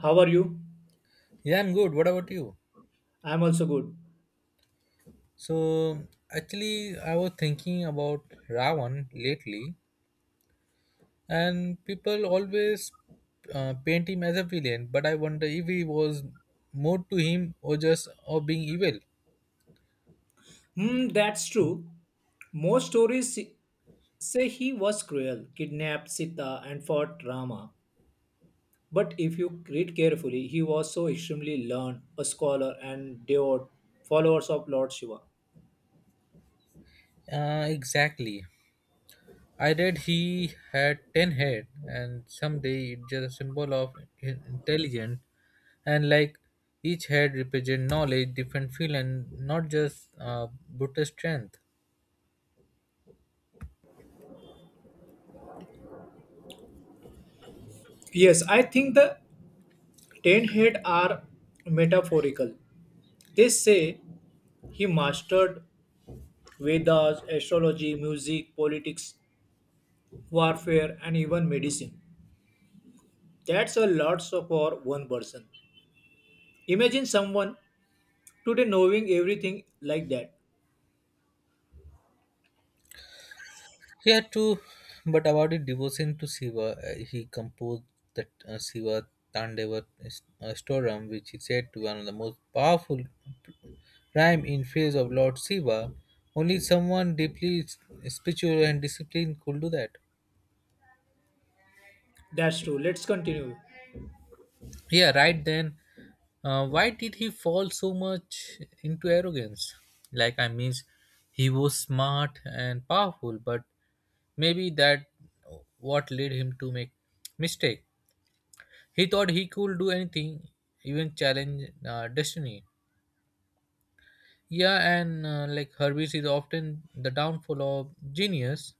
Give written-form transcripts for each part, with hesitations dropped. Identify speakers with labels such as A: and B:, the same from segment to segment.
A: How are you?
B: Yeah, I'm good. What about you?
A: I'm also good.
B: So I was thinking about Ravan lately, and people always paint him as a villain, but I wonder if he was more to him or just of being evil.
A: Hmm, that's true. Most stories say he was cruel, kidnapped Sita, and fought Rama. But if you read carefully, he was so extremely learned, a scholar, and devout followers of Lord Shiva.
B: Exactly. I read he had 10 head, and someday it's just a symbol of intelligence, and each head represent knowledge, different field, and not just brutal strength.
A: Yes, I think the ten head are metaphorical. They say he mastered Vedas, astrology, music, politics, warfare, and even medicine. That's a lot so for one person. Imagine someone today knowing everything like that.
B: Yeah, too. But about the devotion to Shiva, he composed the Shiva Tandava Storam, which he said to be one of the most powerful rhyme in praise of Lord Shiva. Only someone deeply spiritual and disciplined could do that.
A: That's true. Let's continue.
B: Yeah, right then. Why did he fall so much into arrogance? I mean, he was smart and powerful, but maybe that what led him to make mistake. He thought he could do anything, even challenge destiny. Yeah, and like Hermes is often the downfall of genius,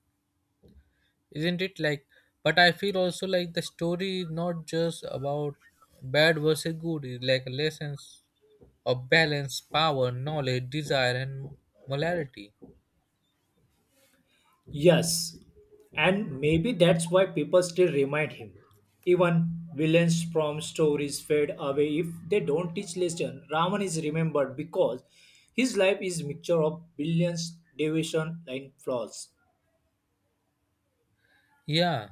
B: isn't it? Like, but I feel also like the story is not just about bad versus good. It's like lessons of balance, power, knowledge, desire, and morality.
A: Yes. And maybe that's why people still remind him. Even villains from stories fade away if they don't teach lesson. Raman is remembered because his life is mixture of brilliance, deviation, and flaws.
B: Yeah.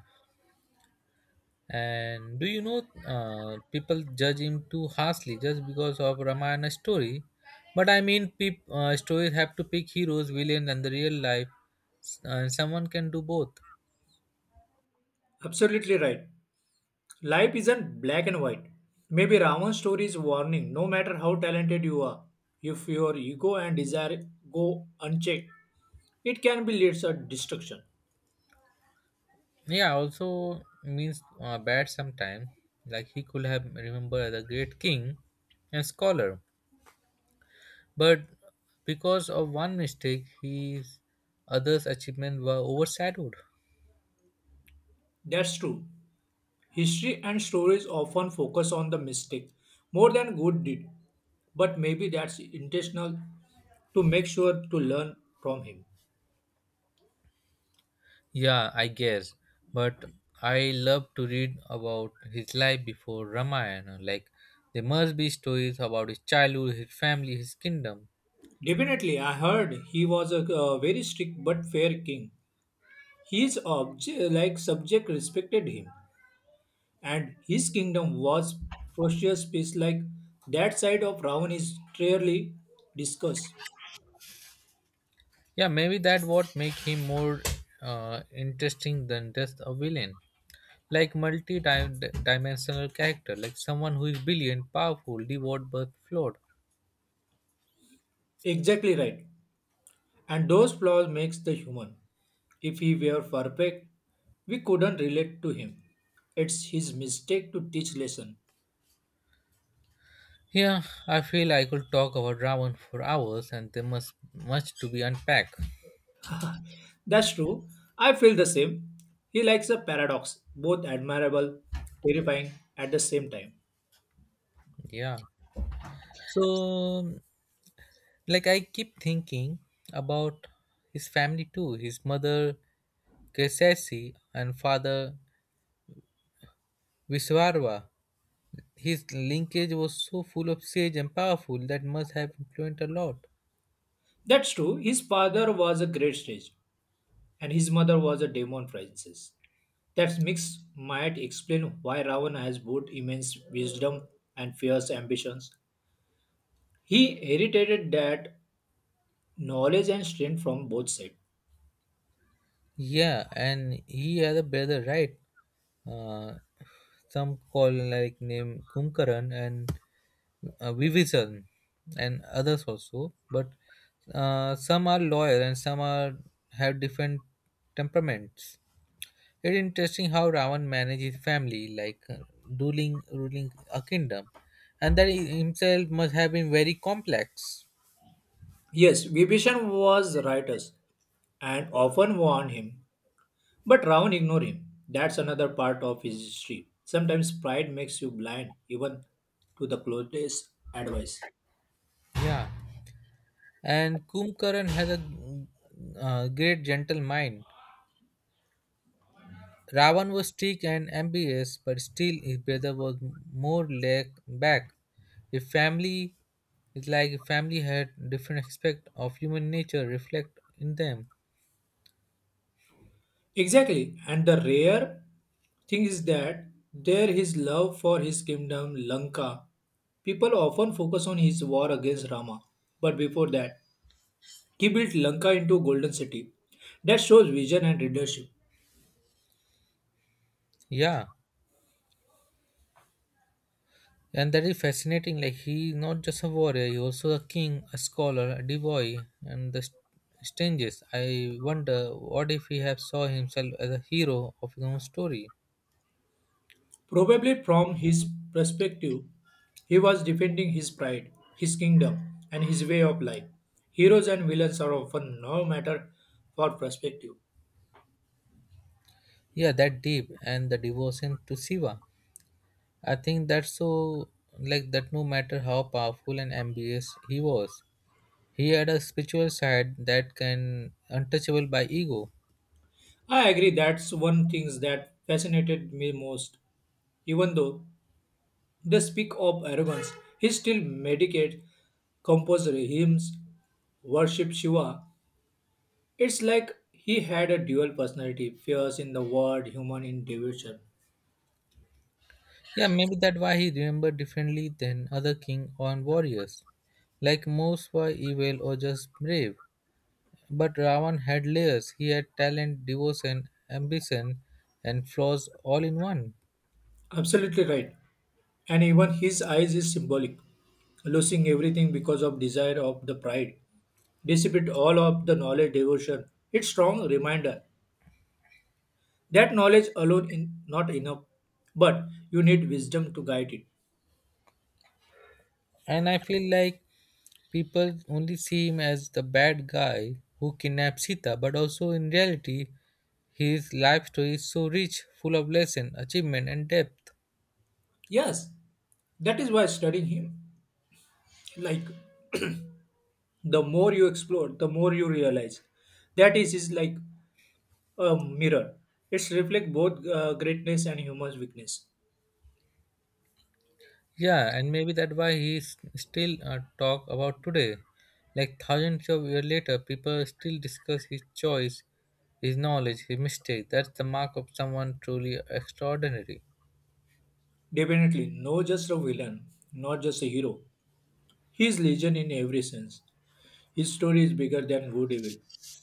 B: And do you know people judge him too harshly just because of Ramayana story? But I mean, stories have to pick heroes, villains, and the real life. And someone can do both.
A: Absolutely right. Life isn't black and white. Maybe Ravan's story is warning no matter how talented you are, if your ego and desire go unchecked, it can be leads to destruction.
B: Yeah, also means bad sometimes. Like he could have remembered as a great king and scholar, but because of one mistake, his others' achievements were overshadowed.
A: That's true. History and stories often focus on the mistake more than good deed, but maybe that's intentional to make sure to learn from him.
B: Yeah, I guess. But I love to read about his life before Ramayana. Like, there must be stories about his childhood, his family, his kingdom.
A: Definitely, I heard he was a, very strict but fair king. His like subject respected him and his kingdom was precious piece like that side of Ravan is rarely discussed.
B: Yeah, maybe that what make him more interesting than just a villain. Like multi-dimensional character, like someone who is brilliant, powerful, devout but flawed.
A: Exactly right. And those flaws makes the human. If he were perfect, we couldn't relate to him. It's his mistake to teach lesson.
B: Yeah, I feel I could talk about Ravan for hours, and there must much to be unpacked.
A: That's true. I feel the same. He likes a paradox, both admirable, terrifying at the same time.
B: Yeah. So like I keep thinking about his family too, his mother Kesasi and father Viswarva. His linkage was so full of sage and powerful that must have influenced a lot.
A: That's true. His father was a great stage, and his mother was a demon princess. That mix might explain why Ravana has both immense wisdom and fierce ambitions. He inherited that knowledge and strength from both sides.
B: Yeah, and he had a brother, right? Uh, some call like name Kumkaran and Vivisan and others also, but some are loyal and some are have different temperaments. It's interesting how Ravan manages family, like ruling a kingdom, and that he himself must have been very complex.
A: Yes, Vibhishan was righteous and often warned him, but Ravan ignored him. That's another part of his history. Sometimes pride makes you blind even to the closest advice.
B: Yeah, and Kumkaran has a great gentle mind. Ravan was strict and ambitious, but still his brother was more laid back. A family is like a family had different aspect of human nature reflect in them.
A: Exactly. And the rare thing is that there his love for his kingdom Lanka. People often focus on his war against Rama. But before that, he built Lanka into a golden city. That shows vision and leadership.
B: Yeah. And that is fascinating. Like he is not just a warrior, he also a king, a scholar, a devoy, and the strangest. I wonder what if he have saw himself as a hero of his own story.
A: Probably from his perspective, he was defending his pride, his kingdom, and his way of life. Heroes and villains are often no matter for perspective.
B: Yeah, that deep and the devotion to Shiva. I think that's so like that no matter how powerful and ambitious he was, he had a spiritual side that can untouchable by ego.
A: I agree that's one thing that fascinated me most. Even though they speak of arrogance. He still meditates, composes hymns, worships Shiva. It's like he had a dual personality, fierce in the world, human in devotion.
B: Yeah, maybe that why he remembered differently than other king or warriors. Like most were evil or just brave. But Ravan had layers. He had talent, devotion, ambition, and flaws all in one.
A: Absolutely right. And even his eyes is symbolic, losing everything because of desire of the pride. Dissipate all of the knowledge devotion. It's strong reminder that knowledge alone is not enough, but you need wisdom to guide it.
B: And I feel like people only see him as the bad guy who kidnapped Sita, but also in reality, his life story is so rich, full of lesson, achievement, and depth.
A: Yes, that is why studying him, like the more you explore the more you realize that is like a mirror it's reflect both greatness and human weakness.
B: Yeah, and maybe that why he still talk about today. Like thousands of years later, people still discuss his choice, his knowledge, his mistake. That's the mark of someone truly extraordinary.
A: Definitely no just a villain, not just a hero, he is legion in every sense. His story is bigger than good evil.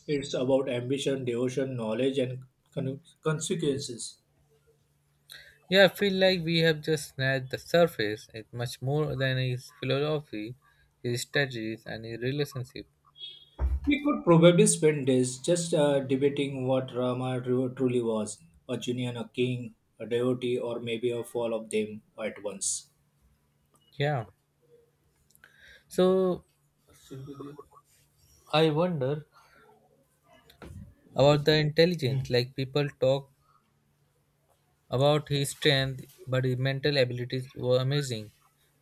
A: It's about ambition, devotion, knowledge, and consequences.
B: Yeah, I feel like we have just snatched the surface. It's much more than his philosophy, his strategies, and his relationship.
A: We could probably spend days just debating what rama truly was, a genie and a king, a devotee, or maybe a fall of them at once.
B: Yeah. So I wonder about the intelligence. Like people talk about his strength, but his mental abilities were amazing.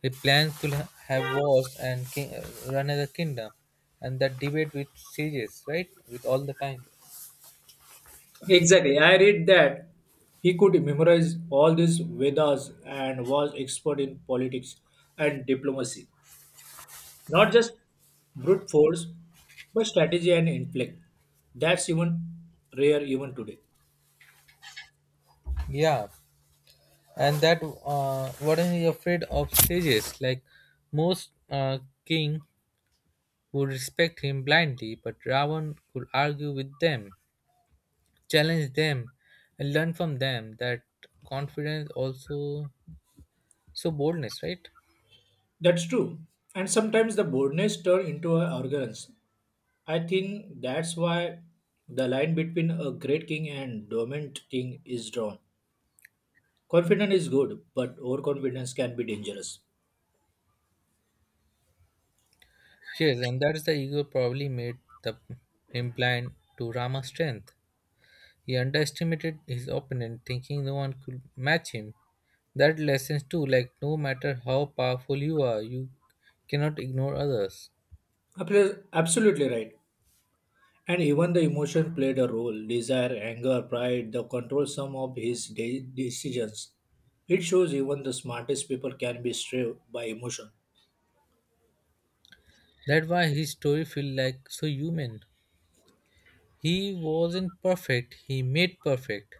B: He plans to have wars and run as a kingdom, and that debate with sages, right? With all the time.
A: Exactly. I read that he could memorize all these Vedas and was expert in politics and diplomacy. Not just brute force, but strategy and intellect. That's even rare even today.
B: Yeah, and that was he afraid of sages? Like most king would respect him blindly, but Ravan could argue with them, challenge them, and learn from them. That confidence also, so boldness, right?
A: That's true. And sometimes the boldness turn into an arrogance. I think that's why the line between a great king and dormant king is drawn. Confidence is good, but overconfidence can be dangerous.
B: Yes, and that's the ego probably made him blind to Rama's strength. He underestimated his opponent, thinking no one could match him. That lessons too, like no matter how powerful you are, you cannot ignore others.
A: Absolutely right. And even the emotion played a role desire, anger, pride, the control some of his decisions. It shows even the smartest people can be swayed by emotion.
B: That's why his story feels like so human. He wasn't perfect, he made perfect.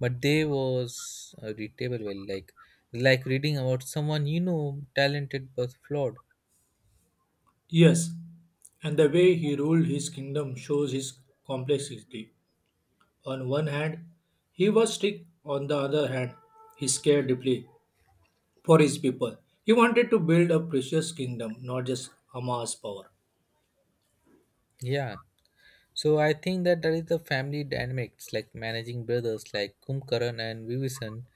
B: But they was readable well, like reading about someone you know, talented but flawed.
A: Yes, and the way he ruled his kingdom shows his complexity. On one hand, he was strict, on the other hand, he cared deeply for his people. He wanted to build a precious kingdom, not just Hamas power.
B: Yeah. So I think that that is the family dynamics, like managing brothers like Kumkaran and Vivisan,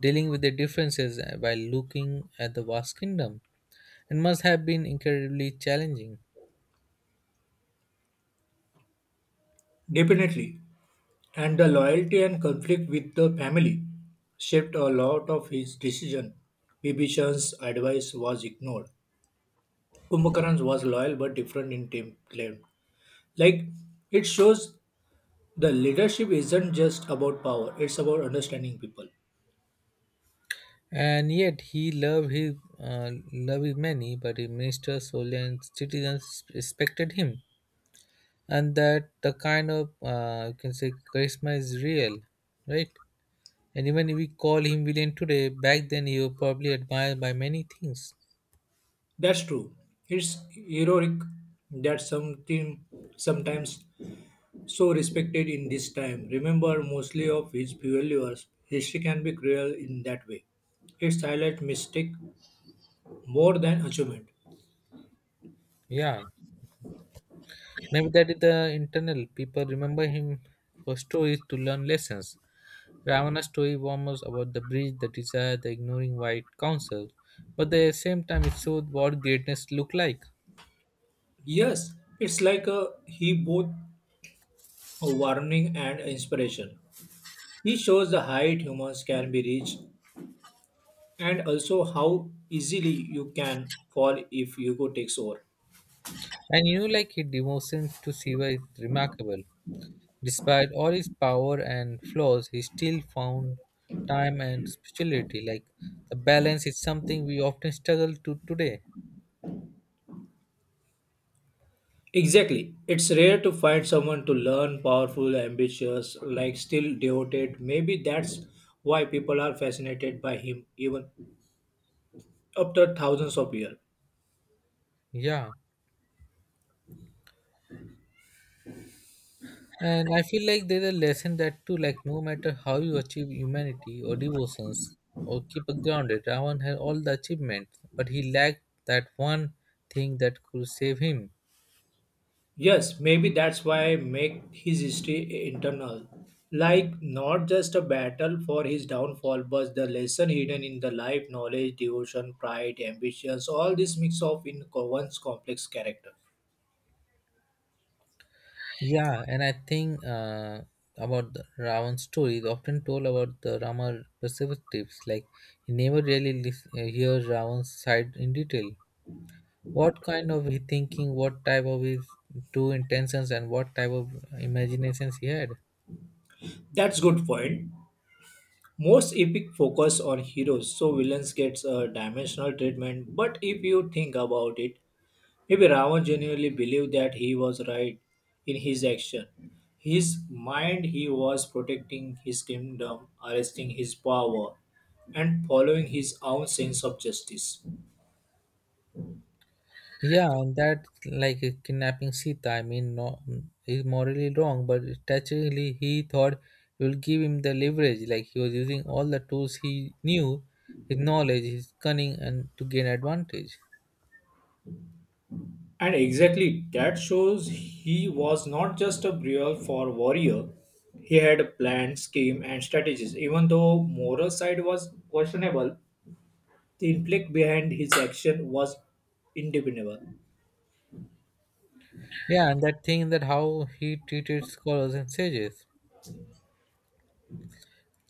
B: dealing with their differences while looking at the vast kingdom, and must have been incredibly challenging.
A: Definitely. And the loyalty and conflict with the family shaped a lot of his decision. Bibhishan's advice was ignored. Kumbhakaran was loyal but different in template. Like it shows the leadership isn't just about power, it's about understanding people.
B: And yet he loved his loved his many, but his ministers, soldiers, and citizens respected him, and that the kind of you can say charisma is real, right? And even if we call him villain today, back then he was probably admired by many things.
A: That's true. It's heroic that something sometimes so respected in this time. Remember mostly of his failures. History can be cruel in that way. Its highlight mistake more than achievement.
B: Yeah. Maybe that is the internal. People remember him for stories to learn lessons. Ravana's story warms about the breach, the desire, the ignoring white counsel. But at the same time, it showed what greatness looked like.
A: Yes, it's like a, he both a warning and inspiration. He shows the height humans can be reached and also how easily you can fall if Hugo takes over.
B: And you know, like his devotion to Shiva is remarkable. Despite all his power and flaws, he still found time and spirituality. Like the balance is something we often struggle to today.
A: Exactly. It's rare to find someone to learn, powerful, ambitious, like still devoted. Maybe that's why people are fascinated by him even after thousands of years.
B: Yeah. And I feel like there's a lesson that too, like no matter how you achieve humanity or devotions or keep it grounded, Ravan had all the achievements, but he lacked that one thing that could save him.
A: Yes, maybe that's why make his history internal. Like not just a battle for his downfall, but the lesson hidden in the life, knowledge, devotion, pride, ambitions, all this mix of in one's complex character.
B: Yeah, and I think about the Ravan's story is often told about the Rama perspectives. Like he never really hears Ravan's side in detail. What kind of he thinking? What type of his true intentions and what type of imaginations he had?
A: That's good point. Most epic focus on heroes, so villains gets a dimensional treatment. But if you think about it, maybe Ravan genuinely believed that he was right in his action. His mind he was protecting his kingdom, arresting his power, and following his own sense of justice.
B: Yeah, and that like kidnapping Sita, I mean, no, is morally wrong, but strategically he thought it will give him the leverage. Like he was using all the tools he knew, his knowledge, his cunning, and to gain advantage.
A: And exactly that shows he was not just a real for warrior. He had a plan, scheme, and strategies. Even though moral side was questionable, the intellect behind his action was independable.
B: Yeah, and that thing that how he treated scholars and sages.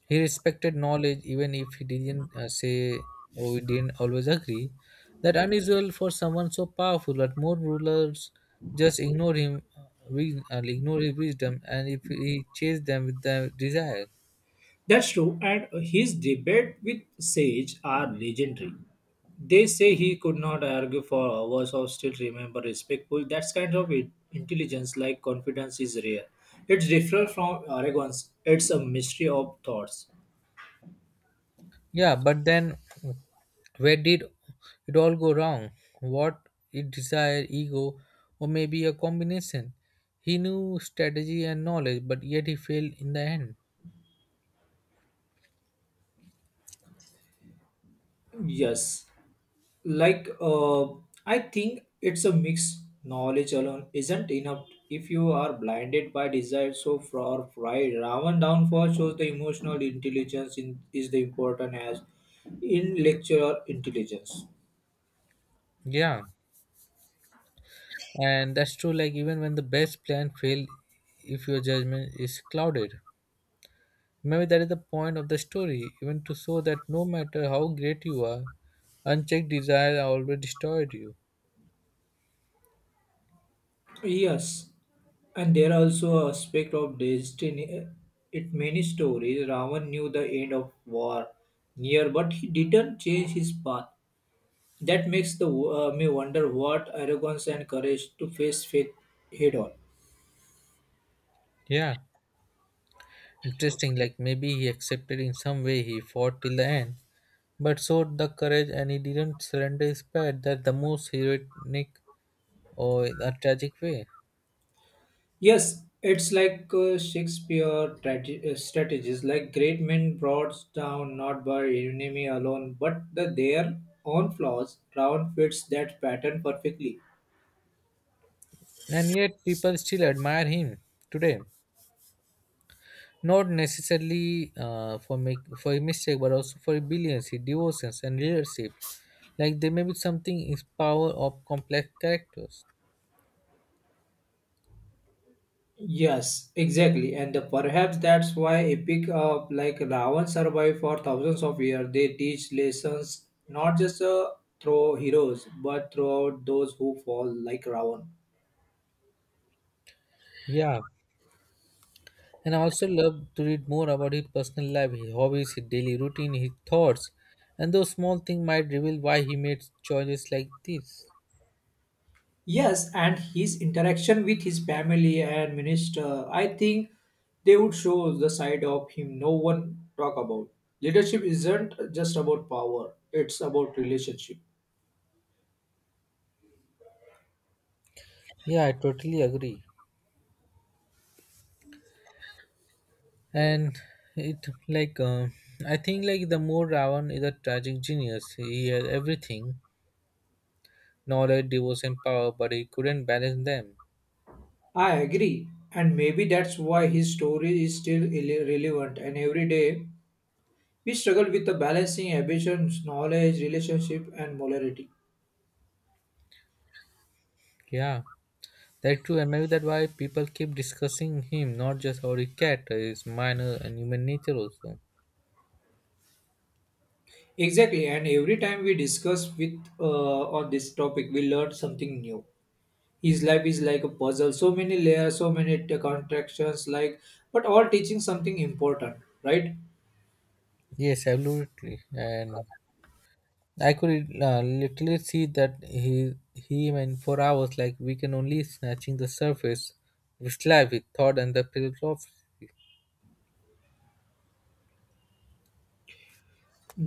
B: He respected knowledge even if he didn't say or we didn't always agree. That unusual for someone so powerful, but more rulers just ignore him, ignore his wisdom, and if he chased them with their desire.
A: That's true, and his debate with Sage are legendary. They say he could not argue for hours or still remember respectful. That's kind of intelligence, like confidence, is rare. It's different from arrogance. It's a mystery of thoughts.
B: Yeah, but then where did it all go wrong? What it desire, ego, or maybe a combination? He knew strategy and knowledge, but yet he failed in the end.
A: Yes, like uh, I think it's a mix. Knowledge alone isn't enough if you are blinded by desire so for pride. Ravan downfall shows the emotional intelligence in, is the important as intellectual intelligence.
B: Yeah. And that's true, like even when the best plan failed, if your judgment is clouded, maybe that is the point of the story, even to show that no matter how great you are, unchecked desire always destroyed you.
A: Yes, and there are also aspect of destiny in many stories. Ravan knew the end of war near, but he didn't change his path. That makes the me wonder what arrogance and courage to face faith head on.
B: Yeah, interesting. Like maybe he accepted in some way he fought till the end, but showed the courage and he didn't surrender his pride, that the most heroic or a tragic way.
A: Yes, it's like Shakespeare strategies, like great men brought down not by enemy alone, but the, their own flaws. Crown fits that pattern perfectly.
B: And yet people still admire him today, not necessarily for make for a mistake, but also for rebellion, devotions and leadership. Like there may be something is power of complex characters.
A: Yes, exactly, and perhaps that's why epic like Ravan survived for thousands of years. They teach lessons not just through heroes, but throughout those who fall like Ravan.
B: Yeah, and I also love to read more about his personal life, his hobbies, his daily routine, his thoughts, and those small things might reveal why he made choices like this.
A: Yes, and his interaction with his family and minister, I think they would show the side of him no one talk about. Leadership isn't just about power, it's about relationship.
B: Yeah, I totally agree. And it like I think like the more Ravan is a tragic genius, he has everything: knowledge, devotion, power, but he couldn't balance them.
A: I agree, and maybe that's why his story is still relevant and every day we struggle with the balancing ambitions, knowledge, relationship and morality.
B: Yeah, that's true, and maybe that's why people keep discussing him, not just how he cat, his minor and human nature also.
A: Exactly, and every time we discuss with uh, on this topic we learn something new. His life is like a puzzle, so many layers, so many contractions, like but all teaching something important, right?
B: Yes, absolutely, and I could literally see that he, him, and for hours, like we can only snatching the surface with life, with thought and the philosophy.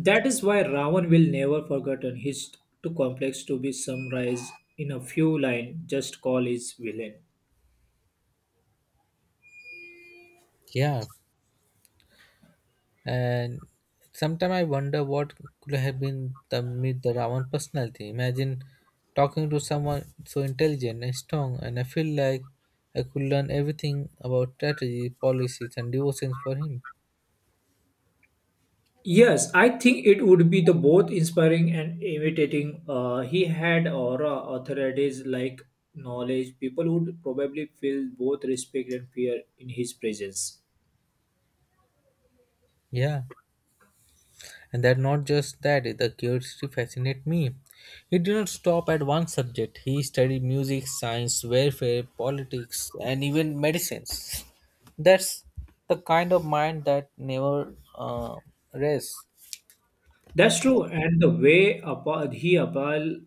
A: That is why Ravan will never forgotten. He's too complex to be summarized in a few lines. Just call his villain.
B: Yeah, and sometimes I wonder what could have been the meet the Ravan personality. Imagine talking to someone so intelligent and strong, and I feel like I could learn everything about strategy, policies, and devotions for him.
A: Yes, I think it would be the both inspiring and imitating. He had aura, authorities like knowledge. People would probably feel both respect and fear in his presence.
B: Yeah, and that not just that, the curiosity fascinated me. He did not stop at one subject. He studied music, science, warfare, politics, and even medicines. That's the kind of mind that never rests.
A: That's true, and the way he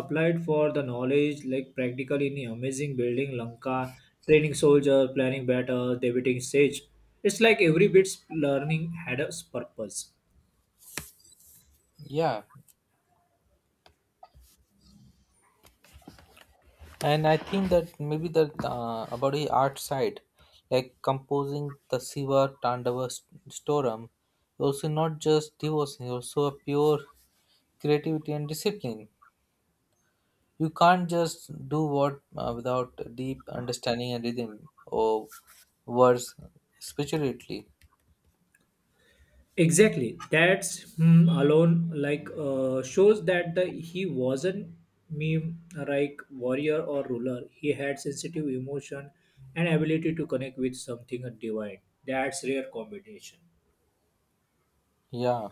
A: applied for the knowledge, like practically in the amazing building Lanka, training soldier, planning battle, debating sage. It's like every bit's learning had a purpose.
B: Yeah, and I think that maybe the about the art side, like composing the Siva Tandava Storum, also not just devotion, also a pure creativity and discipline. You can't just do what without deep understanding and rhythm or words spiritually.
A: Exactly, that's hmm, alone like shows that the he wasn't meme like warrior or ruler. He had sensitive emotion and ability to connect with something divine. That's rare combination.
B: Yeah,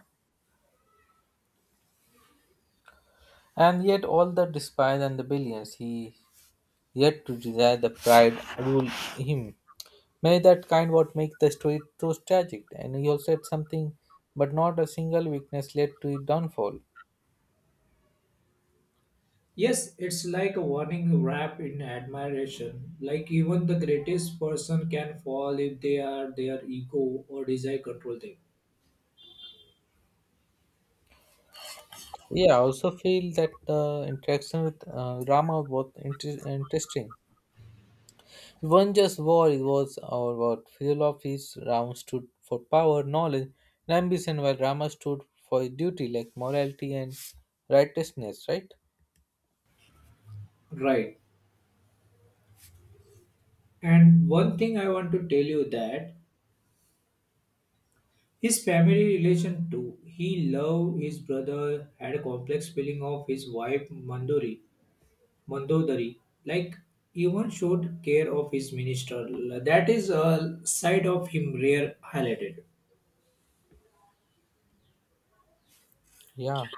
B: and yet all the despise and the billions he yet to desire the pride rule him. May that kind what make the story so tragic. And he also had something, but not a single weakness led to his downfall.
A: Yes, it's like a warning wrapped in admiration. Like even the greatest person can fall if they are their ego or desire control them.
B: Yeah, I also feel that the interaction with Rama was interesting. It wasn't just war, it was our what fuel of his Rama stood for power, knowledge, and ambition, while Rama stood for duty like morality and righteousness, right?
A: Right. And one thing I want to tell you that his family relation too. He loved his brother, had a complex feeling of his wife Mandodari. Like even showed care of his minister. That is a side of him rare highlighted.
B: Yeah.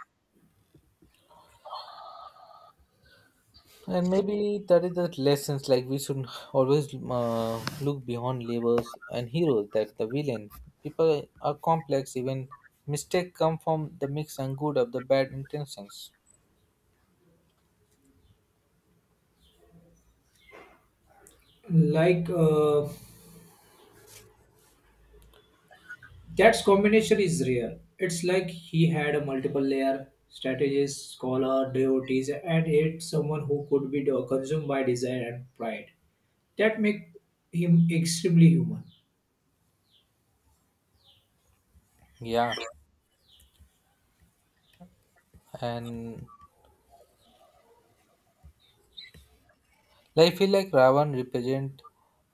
B: And maybe that is the lessons. Like we should always look beyond labels and heroes. That's the villain. People are complex. Even mistake come from the mix and good of the bad intentions.
A: Like uh, That's combination is rare. It's like he had a multiple layer strategist, scholar, devotees, and yet someone who could be consumed by desire and pride. That make him extremely human.
B: Yeah, and I feel like Ravan represent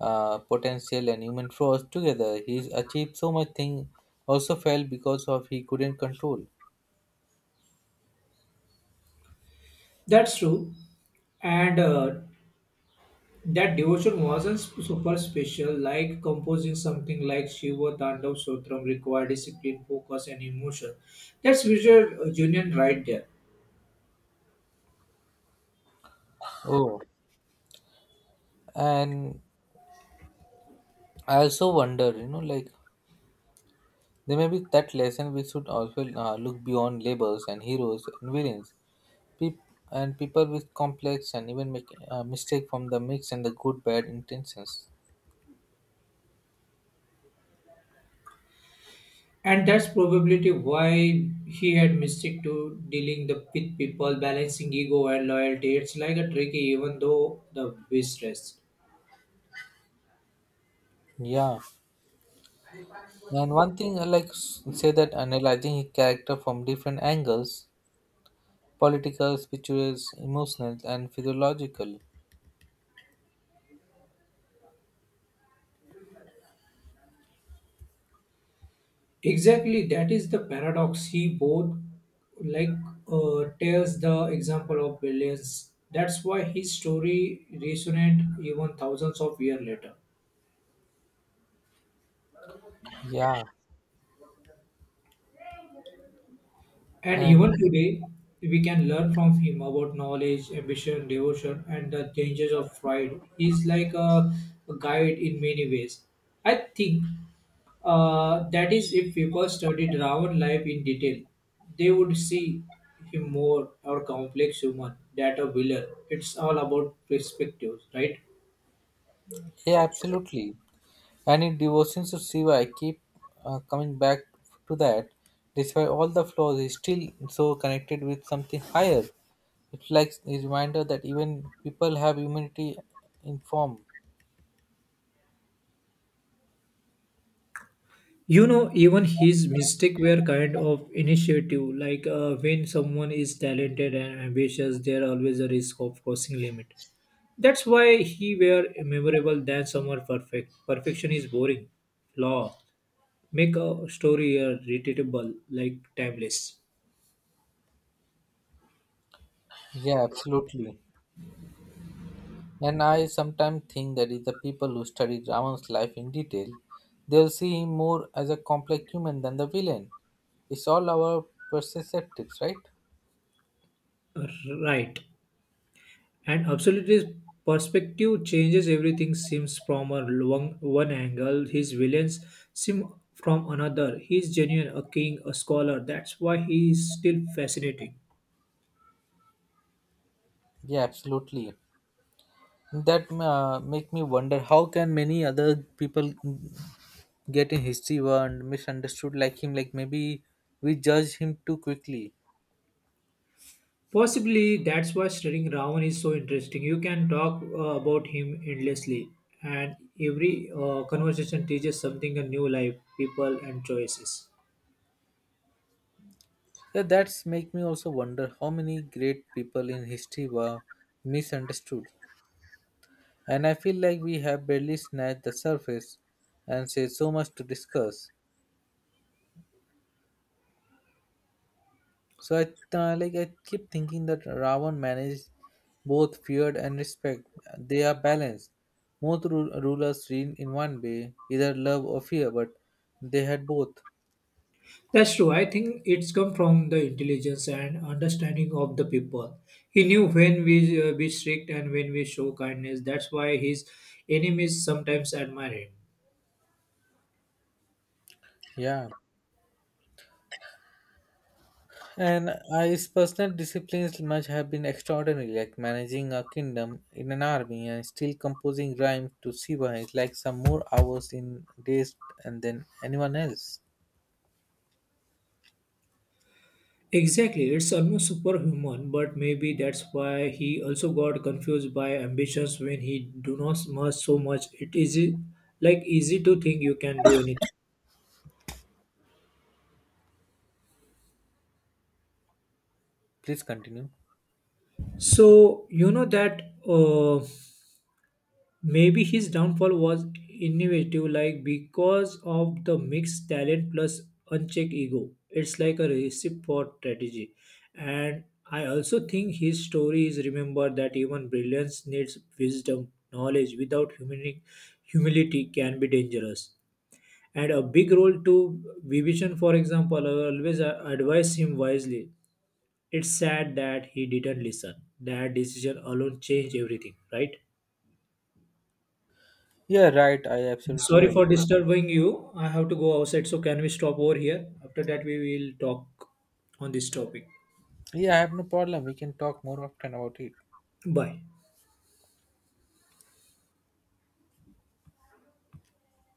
B: potential and human flaws together. He's achieved so much thing. Also failed because of he couldn't control.
A: That's true. And that devotion wasn't super special. Like composing something like Shiva Tandav Sotram required discipline, focus, and emotion. That's visual union right there.
B: Oh, and I also wonder, you know, like they may be that lesson we should also look beyond labels and heroes and villains, peop- and people with complex and even make mistake from the mix and the good bad intentions.
A: And that's probably why he had mystic to dealing the, with people, balancing ego and loyalty. It's like a tricky, even though the mistress.
B: Yeah, and one thing I like say that analyzing a character from different angles, political, spiritual, emotional, and physiological.
A: Exactly, that is the paradox. He both like tells the example of billions. That's why his story resonate even thousands of years later.
B: Yeah,
A: And
B: and
A: even today, we can learn from him about knowledge, ambition, devotion, and the dangers of pride. He's like a guide in many ways. I think that is if people studied Ravan life in detail, they would see him more or complex human that a villain. It's all about perspectives, right?
B: yeah, absolutely. And in devotions to Shiva, I keep coming back to that. Despite all the flaws, he's still so connected with something higher. It's like a reminder that even people have humanity in form.
A: You know, even his mistakes were kind of initiative. Like when someone is talented and ambitious, there always a risk of crossing limit. That's why he were memorable than someone perfect. Perfection is boring. Law make a story relatable, like timeless.
B: Yeah, absolutely. And I sometimes think that if the people who study Ravan's life in detail, they'll see him more as a complex human than the villain. It's all our perceptives, right?
A: Uh, Right. And absolutely, perspective changes everything. Seems from a long, one angle, his villains seem from another. He is genuine, a king, a scholar. That's why he is still fascinating.
B: Yeah, absolutely. That make me wonder how can many other people get in history were and misunderstood like him, like maybe we judge him too quickly.
A: Possibly that's why studying Ravan is so interesting. You can talk about him endlessly, and every conversation teaches something a new life, people, and choices.
B: Yeah, that's make me also wonder how many great people in history were misunderstood, and I feel like we have barely snatched the surface and say so much to discuss. So I like I keep thinking that Ravan managed both fear and respect. They are balanced. Most rulers reign in one way, either love or fear, but they had both.
A: That's true. I think it's come from the intelligence and understanding of the people. He knew when we be strict and when we show kindness. That's why his enemies sometimes admire him.
B: Yeah, and his personal disciplines must have been extraordinary, like managing a kingdom in an army and still composing rhymes to Shiva is like some more hours in days and than anyone else.
A: Exactly. It's almost superhuman, but maybe that's why he also got confused by ambitions when he do not much so much. It is like easy to think you can do anything.
B: Please continue.
A: So you know that. Uh, Maybe his downfall was innovative, like because of the mixed talent plus unchecked ego. It's like a recipe for strategy. And I also think his story is remembered that even brilliance needs wisdom, knowledge without humility can be dangerous. And a big role to Vibhishan, for example, I always advise him wisely. It's sad that he didn't listen. That decision alone changed everything, right?
B: Yeah, right. I absolutely
A: Sorry for
B: agree.
A: disturbing you. I have to go outside, so can we stop over here? After that, we will talk on this topic.
B: Yeah, I have no problem. We can talk more often about it.
A: Bye.